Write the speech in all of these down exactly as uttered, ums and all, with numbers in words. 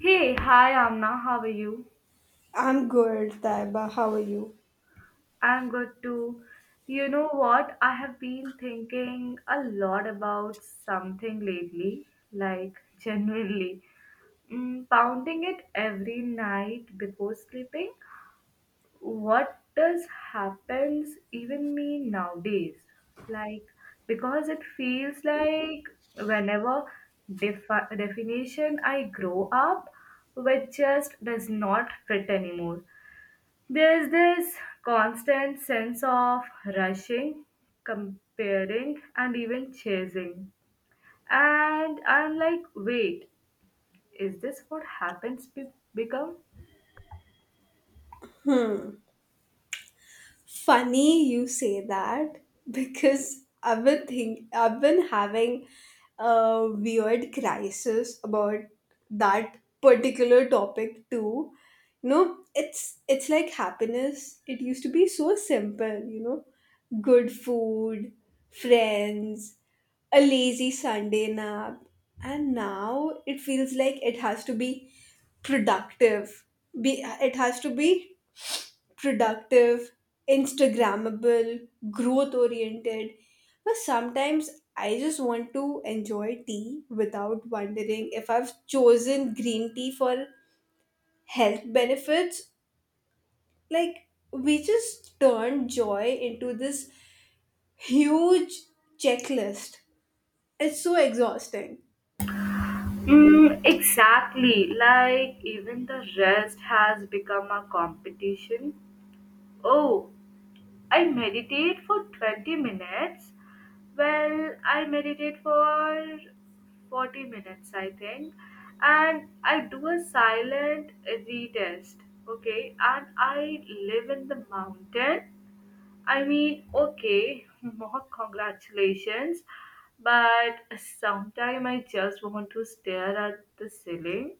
Hey, hi Amna, how are you? I'm good, Taiba. How are you? I'm good too. You know what? I have been thinking a lot about something lately, like genuinely, mm, pounding it every night before sleeping. What does happens even mean nowadays? Like, because it feels like whenever defi- definition I grow up with just does not fit anymore. There is this constant sense of rushing, comparing, and even chasing. And I'm like, wait, is this what happens be- become? Funny you say that because I've been think I've been having a weird crisis about that particular topic too. You know, it's it's like happiness. It used to be so simple. You know, good food, friends, a lazy Sunday nap, and now it feels like it has to be productive. Be it has to be productive, Instagrammable, growth oriented. But sometimes I just want to enjoy tea without wondering if I've chosen green tea for health benefits. Like, we just turn joy into this huge checklist. It's so exhausting. Mm, exactly. Like, even the rest has become a competition. Oh, I meditate for twenty minutes. Well, I meditate for forty minutes, I think. And I do a silent retest, okay? And I live in the mountain. I mean, okay, more congratulations, but sometime I just want to stare at the ceiling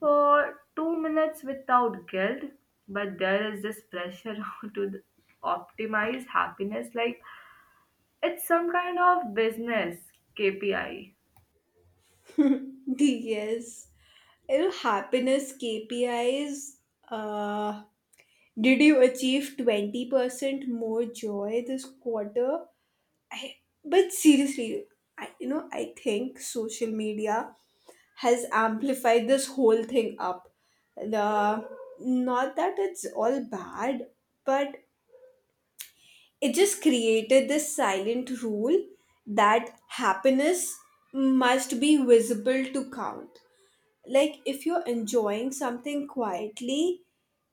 for two minutes without guilt. But there is this pressure to optimize happiness like it's some kind of business K P I. Yes. You know, happiness K P Is. Uh, did you achieve twenty percent more joy this quarter? I, but seriously, I, you know, I think social media has amplified this whole thing up. The not that it's all bad, but it just created this silent rule that happiness must be visible to count. Like if you're enjoying something quietly,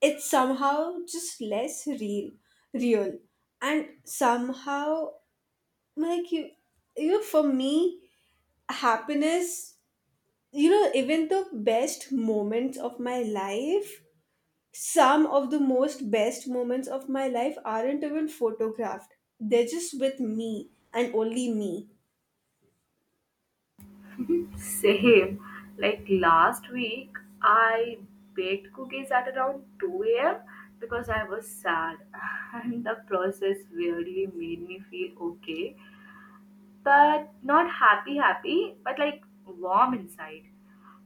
it's somehow just less real, real, and somehow like you, you know, for me happiness, you know, even the best moments of my life, some of the most best moments of my life aren't even photographed. They're just with me and only me. Same. Like last week, I baked cookies at around two a m because I was sad, and the process weirdly made me feel okay, but not happy, happy, but like warm inside.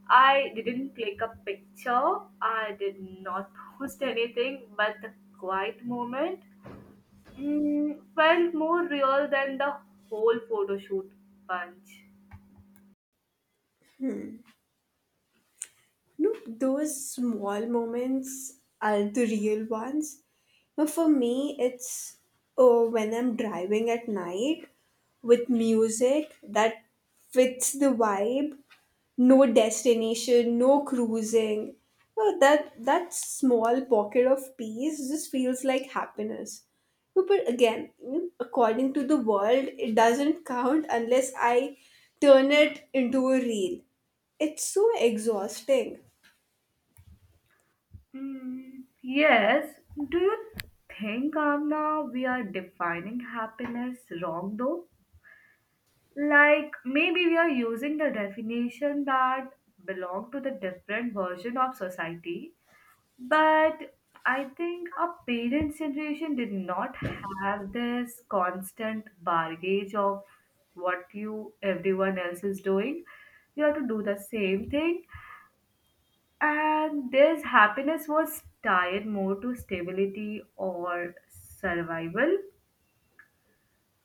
I didn't click a picture, I did not post anything, but the quiet moment mm, felt more real than the whole photo shoot punch. No, those small moments are the real ones. Now, for me, it's, oh, when I'm driving at night with music that fits the vibe. No destination, no cruising. Oh, that that small pocket of peace just feels like happiness. No. But again, according to the world, it doesn't count unless I turn it into a reel. It's so exhausting. Mm, yes. Do you think, Amna, we are defining happiness wrong though? Like, maybe we are using the definition that belong to the different version of society. But I think our parents' generation did not have this constant baggage of what you everyone else is doing. You have to do the same thing and this happiness was tied more to stability or survival.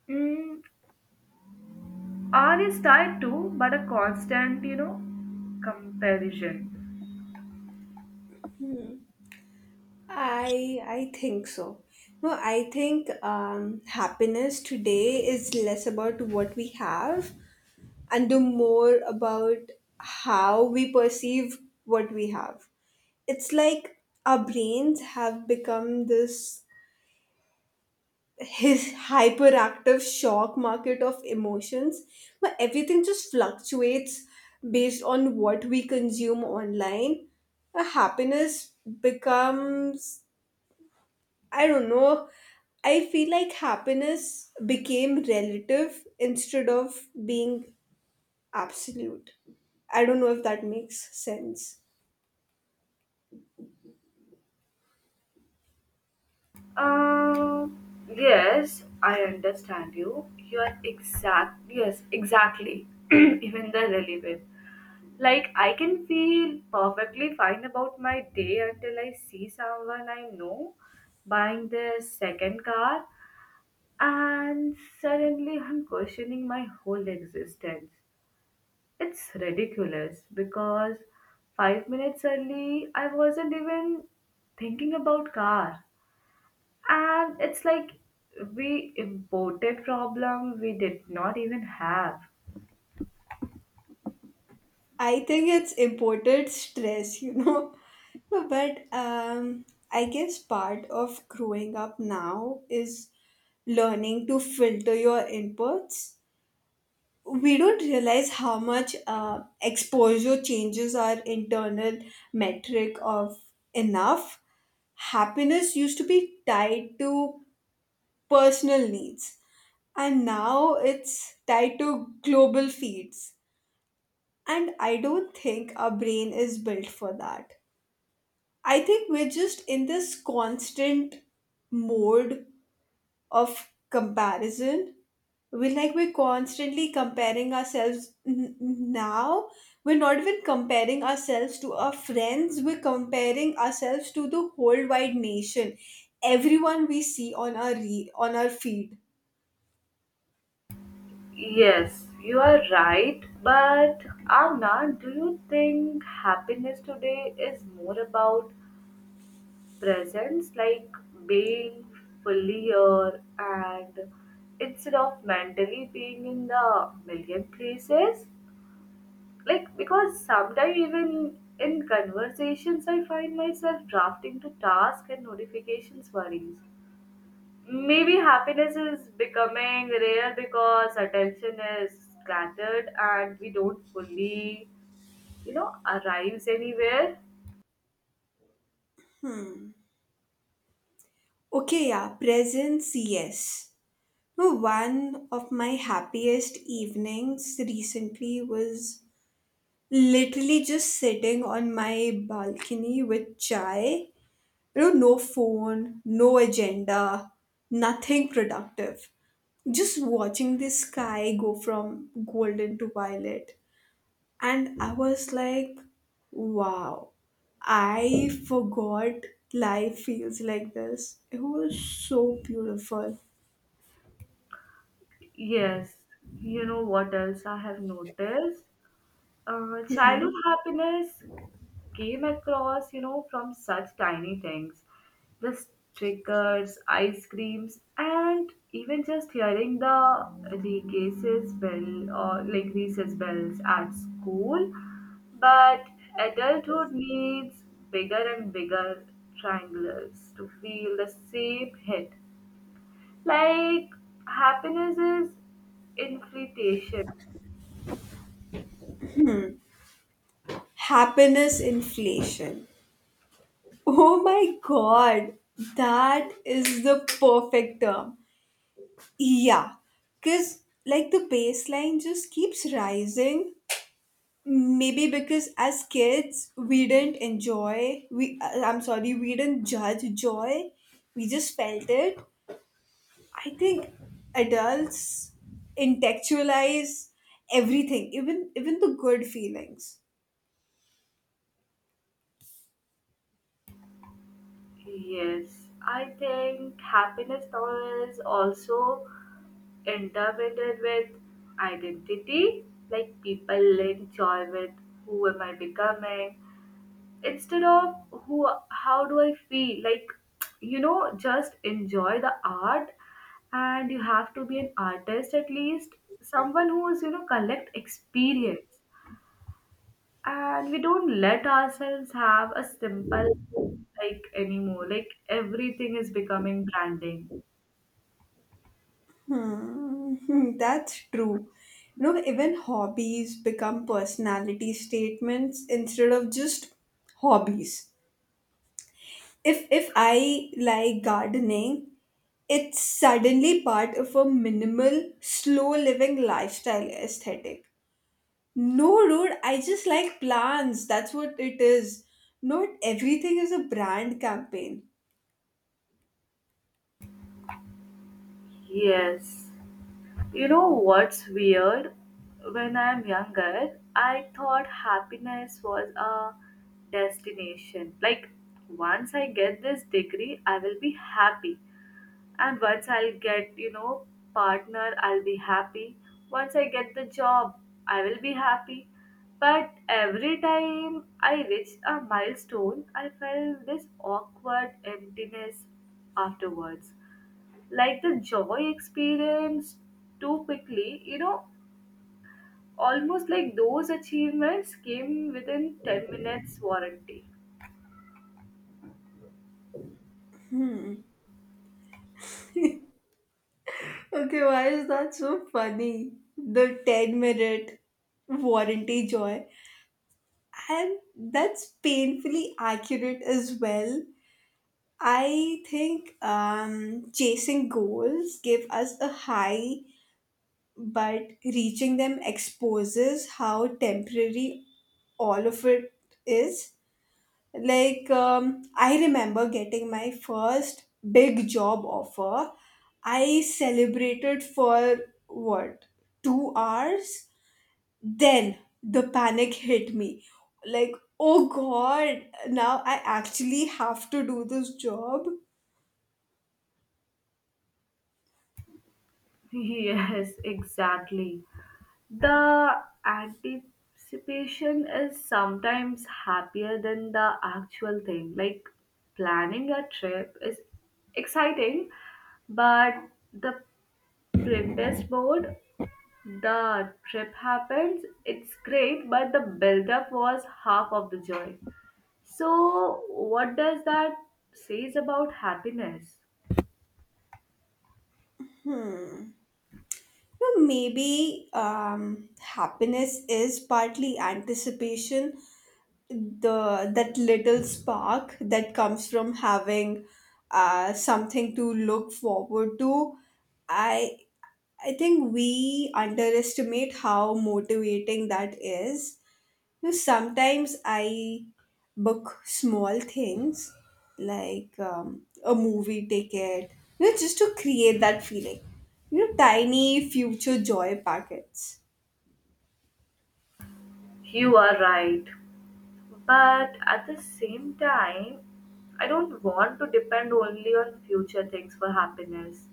Mm, R is tied to, but a constant, you know, comparison. I I think so. No, I think um, happiness today is less about what we have and the more about how we perceive what we have. It's like our brains have become this his hyperactive shock market of emotions where everything just fluctuates based on what we consume online. Uh, happiness becomes I don't know. I feel like happiness became relative instead of being absolute. I don't know if that makes sense. Uh, yes, I understand you. You are exact. Yes, exactly. Even the relevant. Like I can feel perfectly fine about my day until I see someone I know buying their second car. And suddenly I'm questioning my whole existence. It's ridiculous because five minutes early, I wasn't even thinking about car. And it's like we imported problem we did not even have. I think it's imported stress, you know. But um, I guess part of growing up now is learning to filter your inputs. We don't realize how much uh, exposure changes our internal metric of enough. Happiness used to be tied to personal needs, and now it's tied to global feeds, and I don't think our brain is built for that. I think we're just in this constant mode of comparison. We're like we're constantly comparing ourselves n- n- now. We're not even comparing ourselves to our friends, we're comparing ourselves to the whole wide nation, everyone we see on our re- on our feed. Yes, you are right, but Amna, do you think happiness today is more about presence, like being fully here and instead of mentally being in the million places. Like, because sometimes even in conversations, I find myself drafting to tasks and notifications worries. Maybe happiness is becoming rare because attention is scattered and we don't fully, you know, arrives anywhere. Okay, yeah, presents, yes. No, one of my happiest evenings recently was literally just sitting on my balcony with chai. You know, no phone, no agenda, nothing productive. Just watching the sky go from golden to violet. And I was like, wow, I forgot life feels like this. It was so beautiful. Yes, you know what else I have noticed? Uh, childhood happiness came across, you know, from such tiny things. Just triggers, ice creams, and even just hearing the recess bell or like recess bells at school. But adulthood needs bigger and bigger triangles to feel the same hit. Like happiness is inflation. Happiness inflation. Oh my god, that is the perfect term. Yeah, because like the baseline just keeps rising maybe because as kids we didn't enjoy we uh, i'm sorry we didn't judge joy, we just felt it. I think adults intellectualize everything, even even the good feelings. Yes, I think happiness now is also intertwined with identity. Like people link joy with who am I becoming instead of who how do I feel? Like, you know, just enjoy the art and you have to be an artist at least, someone who is, you know, collect experience and we don't let ourselves have a simple like anymore, like everything is becoming branding. Hmm, that's true. You know, even hobbies become personality statements instead of just hobbies. If if I like gardening, it's suddenly part of a minimal, slow living lifestyle aesthetic. No, dude, I just like plants. That's what it is. Not everything is a brand campaign. Yes, you know what's weird, when I'm younger I thought happiness was a destination. Like once I get this degree I will be happy, and once I'll get, you know, partner I'll be happy, once I get the job I will be happy. But every time I reached a milestone I felt this awkward emptiness afterwards, like the joy experienced too quickly, you know, almost like those achievements came within ten minutes warranty. Okay, why is that so funny? The ten minute warranty joy. And that's painfully accurate as well. I think um, chasing goals give us a high, but reaching them exposes how temporary all of it is. Like, um, I remember getting my first big job offer. I celebrated for what, two hours? Then the panic hit me. Like, oh God, now I actually have to do this job. Yes, exactly. The anticipation is sometimes happier than the actual thing. Like planning a trip is exciting, but the princess board, the trip happens, it's great, but the build up was half of the joy. So, what does that says about happiness? know, Maybe um, happiness is partly anticipation, the that little spark that comes from having uh, something to look forward to. I i think we underestimate how motivating that is. You know, sometimes I book small things like, um, a movie ticket, you know, just to create that feeling, you know, tiny future joy packets. You are right. But at the same time, I don't want to depend only on future things for happiness.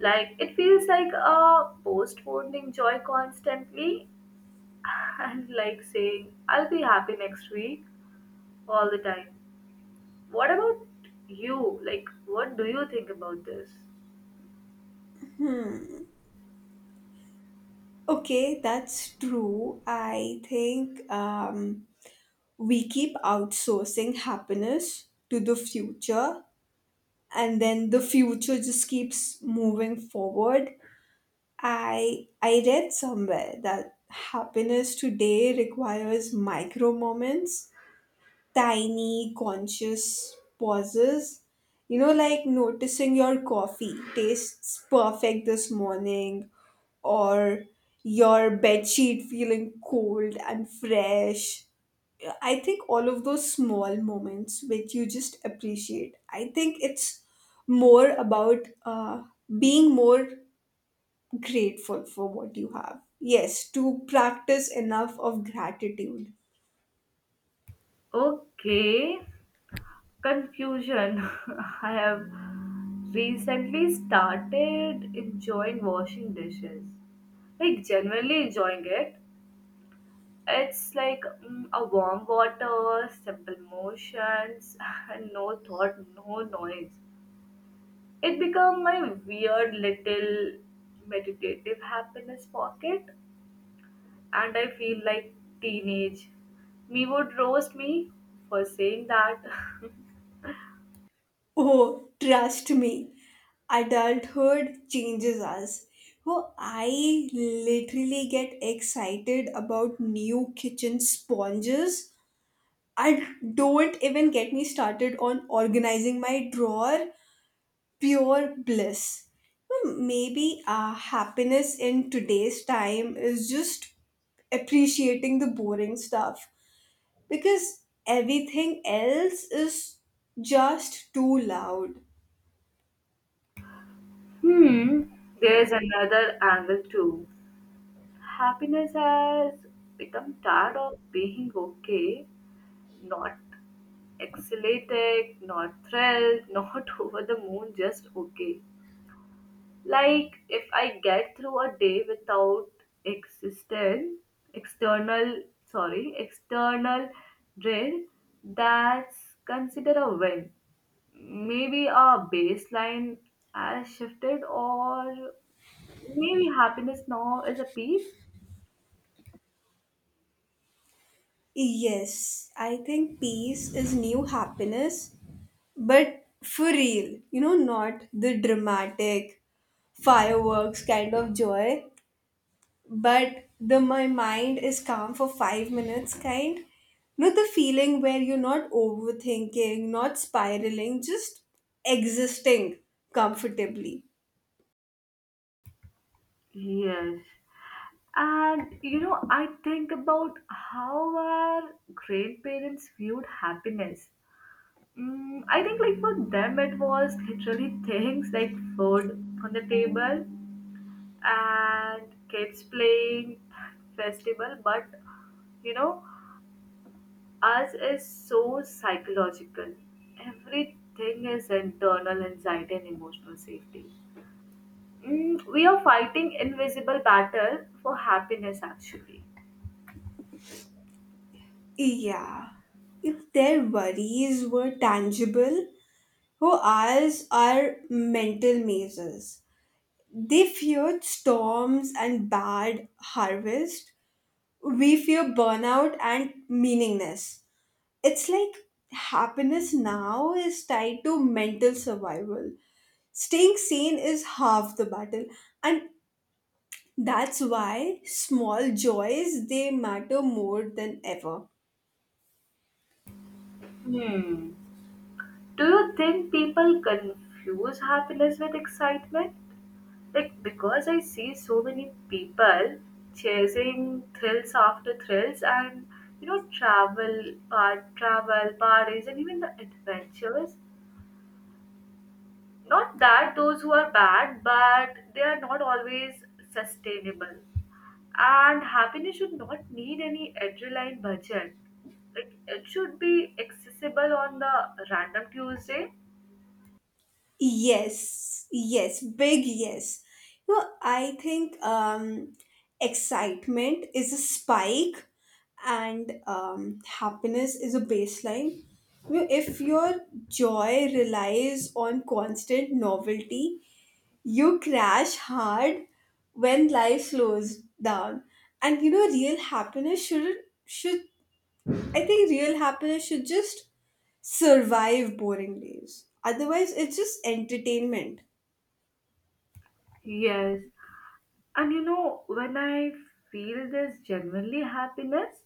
Like it feels like a postponing joy constantly and like saying, I'll be happy next week all the time. What about you? Like, what do you think about this? Okay, that's true. I think um we keep outsourcing happiness to the future, and then the future just keeps moving forward. I i read somewhere that happiness today requires micro moments, tiny conscious pauses, you know, like noticing your coffee tastes perfect this morning, or your bedsheet feeling cold and fresh. I think all of those small moments which you just appreciate, I think it's more about uh, being more grateful for what you have. Yes, to practice enough of gratitude. Okay. Confusion. I have recently started enjoying washing dishes, like genuinely enjoying it. It's like mm, a warm water, simple motions and no thought, no noise. It become my weird little meditative happiness pocket, and I feel like teenage me would roast me for saying that. Oh, trust me, adulthood changes us. Oh, I literally get excited about new kitchen sponges. I don't even get me started on organizing my drawer, pure bliss. Well, maybe uh, happiness in today's time is just appreciating the boring stuff because everything else is just too loud. Hmm, there's another angle too. Happiness has become tired of being okay, not exhilarated, not thrilled, not over the moon, just okay. Like if I get through a day without existent external, sorry, external drill, that's consider a win. Maybe our baseline has shifted, or maybe happiness now is a piece. Yes, I think peace is new happiness, but for real, you know, not the dramatic fireworks kind of joy, but the my mind is calm for five minutes kind. You know, the feeling where you're not overthinking, not spiraling, just existing comfortably. Yes. And you know, I think about how our grandparents viewed happiness. Mm, I think like for them it was literally things like food on the table and kids playing festival, but you know, us is so psychological. Everything is internal anxiety and emotional safety. Mm, we are fighting invisible battle for happiness actually. Yeah, if their worries were tangible, who ours are mental mazes. They feared storms and bad harvest, we fear burnout and meaningless. It's like happiness now is tied to mental survival. Staying sane is half the battle, and that's why small joys they matter more than ever. Hmm. Do you think people confuse happiness with excitement? Like, because I see so many people chasing thrills after thrills and you know travel part travel parties and even the adventures, not that those who are bad but they are not always sustainable, and happiness should not need any adrenaline budget. Like it should be accessible on the random Tuesday. Yes, yes, big yes. You know, I think um, excitement is a spike, and um, happiness is a baseline. You know, if your joy relies on constant novelty, you crash hard when life slows down. And you know, real happiness should should I think real happiness should just survive boring days. Otherwise, it's just entertainment. Yes, and you know when I feel this genuinely happiness,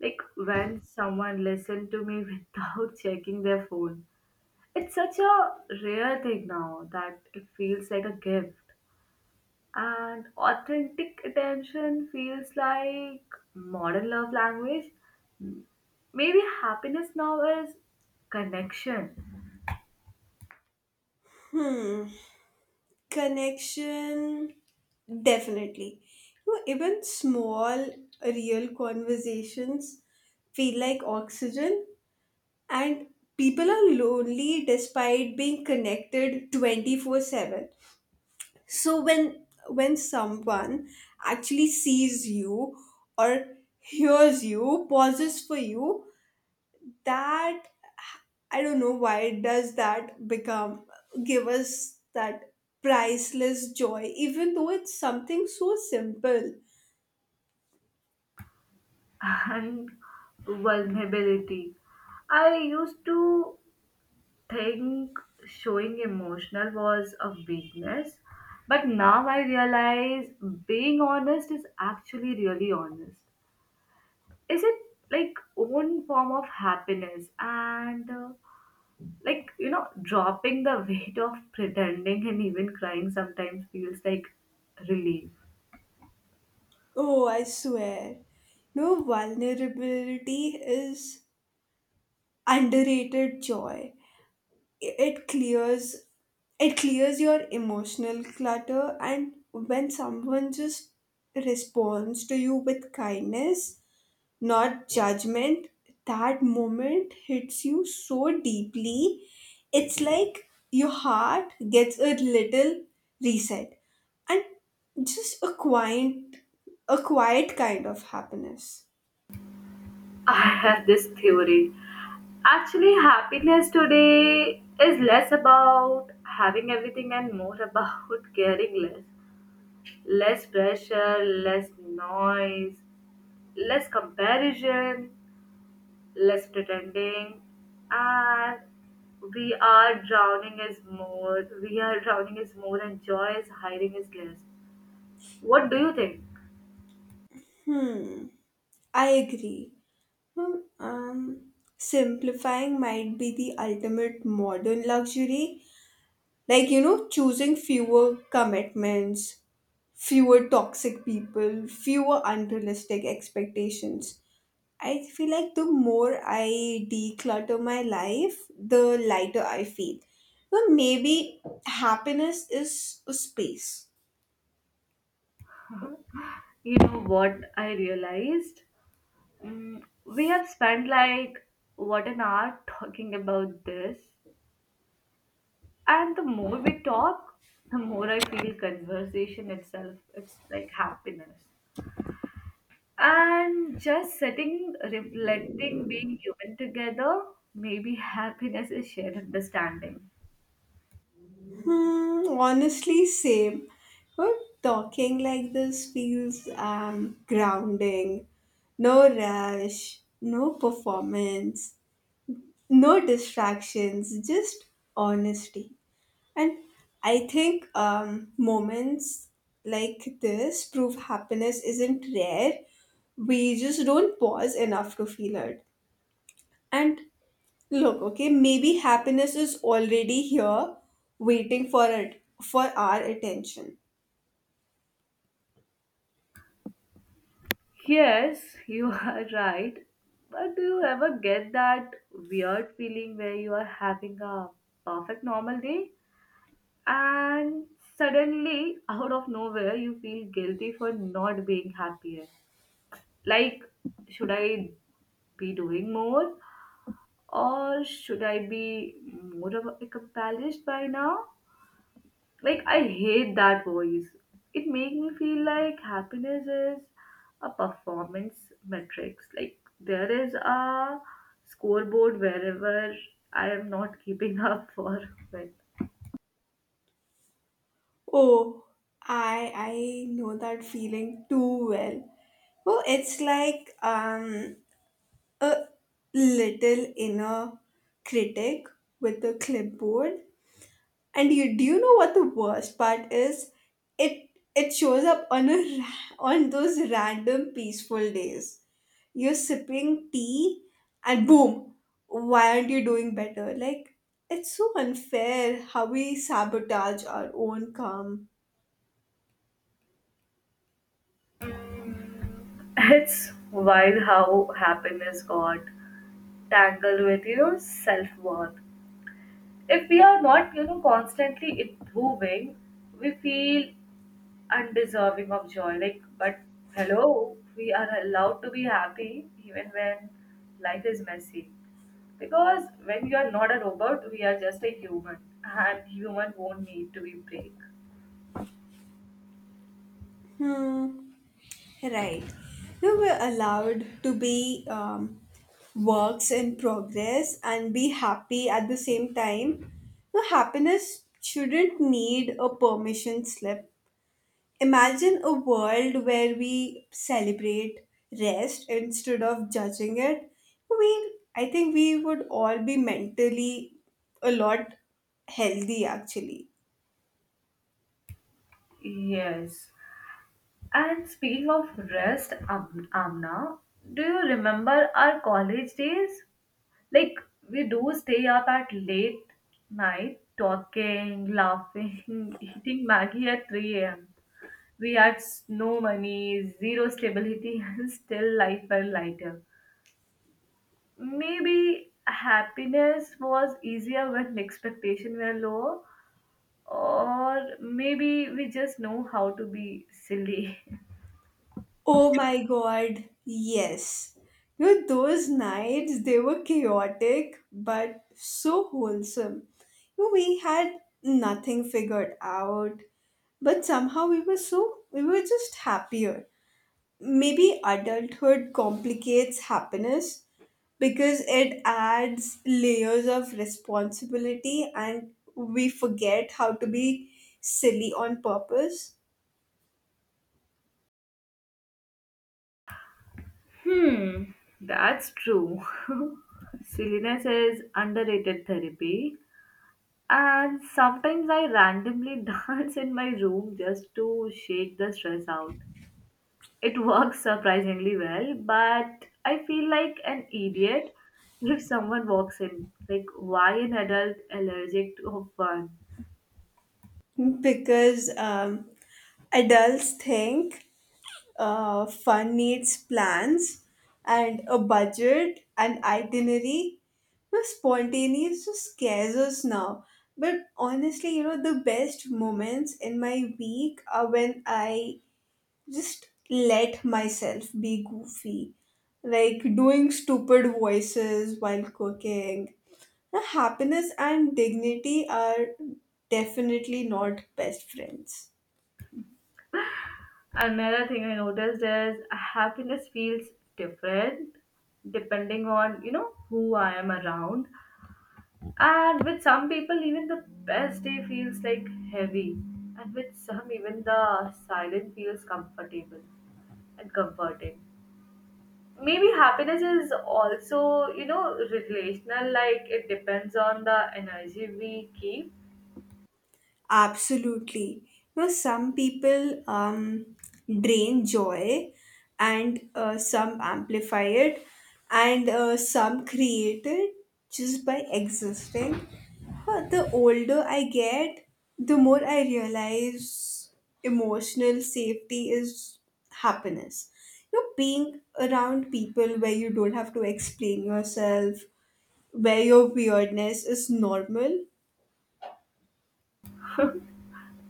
like when someone listened to me without checking their phone. It's such a rare thing now that it feels like a gift. And authentic attention feels like modern love language. Maybe happiness now is connection Connection, definitely. You know, even small real conversations feel like oxygen, and people are lonely despite being connected twenty four seven. So when when someone actually sees you, or hears you, pauses for you, that, I don't know, why does that become give us that priceless joy even though it's something so simple. and vulnerability. I used to think showing emotional was a weakness, but now I realize being honest is actually really honest, is it like own form of happiness, and uh, like, you know, dropping the weight of pretending and even crying sometimes feels like relief. Oh, I swear. No, vulnerability is underrated joy. it clears it clears your emotional clutter, and when someone just responds to you with kindness, not judgment, that moment hits you so deeply. It's like your heart gets a little reset, and just a quiet a quiet kind of happiness. I have this theory, actually happiness today is less about having everything and more about caring less. Less pressure, less noise, less comparison, less pretending, and we are drowning is more. We are drowning is more, and joy is hiding is less. What do you think? I agree. Hmm. Um, simplifying might be the ultimate modern luxury. Like, you know, choosing fewer commitments, fewer toxic people, fewer unrealistic expectations. I feel like the more I declutter my life, the lighter I feel. But maybe happiness is a space. You know what I realized? Mm, we have spent like what an hour talking about this, and the more we talk, the more I feel conversation itself. It's like happiness. And just sitting, reflecting, being human together, maybe happiness is shared understanding. Hmm, honestly, same. Well, talking like this feels um, grounding. No rush, no performance, no distractions, just honesty. And I think um, moments like this prove happiness isn't rare. We just don't pause enough to feel it. And look, okay, maybe happiness is already here waiting for it for our attention. Yes, you are right. But do you ever get that weird feeling where you are having a perfect normal day and suddenly, out of nowhere, you feel guilty for not being happier? Like, should I be doing more or should I be more of a- like a balanced by now? Like I hate that voice. It make me feel like happiness is a performance metrics. Like there is a scoreboard wherever I am not keeping up for with. Oh, I I know that feeling too well. Well, it's like um a little inner critic with a clipboard. And you do you know what the worst part is? It it shows up on a ra- on those random peaceful days, you're sipping tea, and boom, why aren't you doing better? Like, it's so unfair how we sabotage our own calm. It's wild how happiness got tangled with, you know, self worth. If we are not, you know, constantly improving we feel undeserving of joy, like, but hello, we are allowed to be happy even when life is messy, because when you are not a robot we are just a human, and human won't need to be break. Hmm, right. Now we're allowed to be, um, works in progress and be happy at the same time. No, happiness shouldn't need a permission slip. Imagine a world where we celebrate rest instead of judging it. We, I think we would all be mentally a lot healthy actually. Yes, and speaking of rest Am- amna, do you remember our college days? Like we do stay up at late night talking, laughing, eating Maggie at three a m. We had s- no money, zero stability, and still life felt lighter. Maybe happiness was easier when expectations were low, or maybe we just know how to be silly. Oh my god, yes. You know, those nights, they were chaotic but so wholesome. You know, we had nothing figured out, but somehow we were so, we were just happier. Maybe adulthood complicates happiness because it adds layers of responsibility, and we forget how to be silly on purpose. Hmm, that's true. Silliness is underrated therapy. And sometimes I randomly dance in my room just to shake the stress out. It works surprisingly well, but I feel like an idiot if someone walks in. Like, why an adult allergic to fun? Because um, adults think uh, fun needs plans and a budget and itinerary, but spontaneous just scares us now. But honestly, you know, the best moments in my week are when I just let myself be goofy, like doing stupid voices while cooking. Now, happiness and dignity are definitely not best friends. Another thing I noticed is happiness feels different depending on, you know, who I am around. And with some people, even the best day feels like heavy. And with some, even the silent feels comfortable and comforting. Maybe happiness is also, you know, relational, like it depends on the energy we keep. Absolutely. You know, some people um, drain joy, and uh, some amplify it, and uh, some create it just by existing. But the older I get, the more I realize emotional safety is happiness. You know, being around people where you don't have to explain yourself, where your weirdness is normal.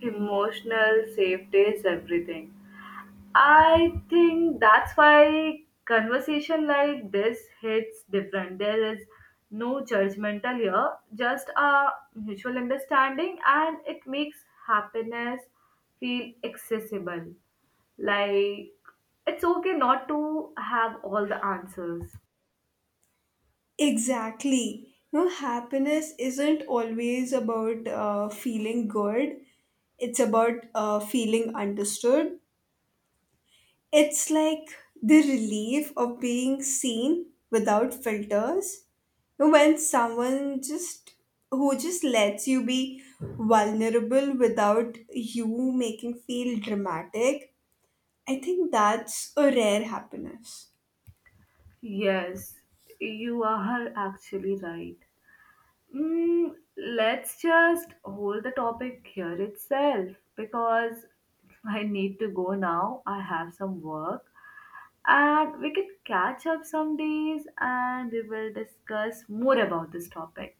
Emotional safety is everything. I think that's why conversation like this hits different. There is no judgmental here, just a mutual understanding, and it makes happiness feel accessible. Like it's okay not to have all the answers. Exactly. No, happiness isn't always about uh, feeling good. It's about uh, feeling understood. It's like the relief of being seen without filters. No, when someone just who just lets you be vulnerable without you making feel dramatic, I think that's a rare happiness. Yes, you are actually right. Mm, let's just hold the topic here itself because I need to go now. I have some work and we can catch up some days and we will discuss more about this topic.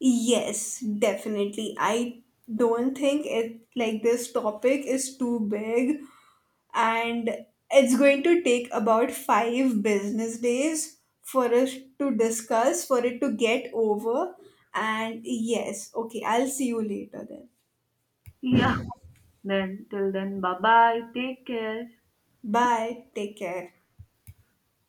Yes, definitely. I don't think it like this topic is too big, and it's going to take about five business days for us to discuss, for it to get over. And yes, okay, I'll see you later then. Yeah, then till then, bye bye. Take care. Bye, take care.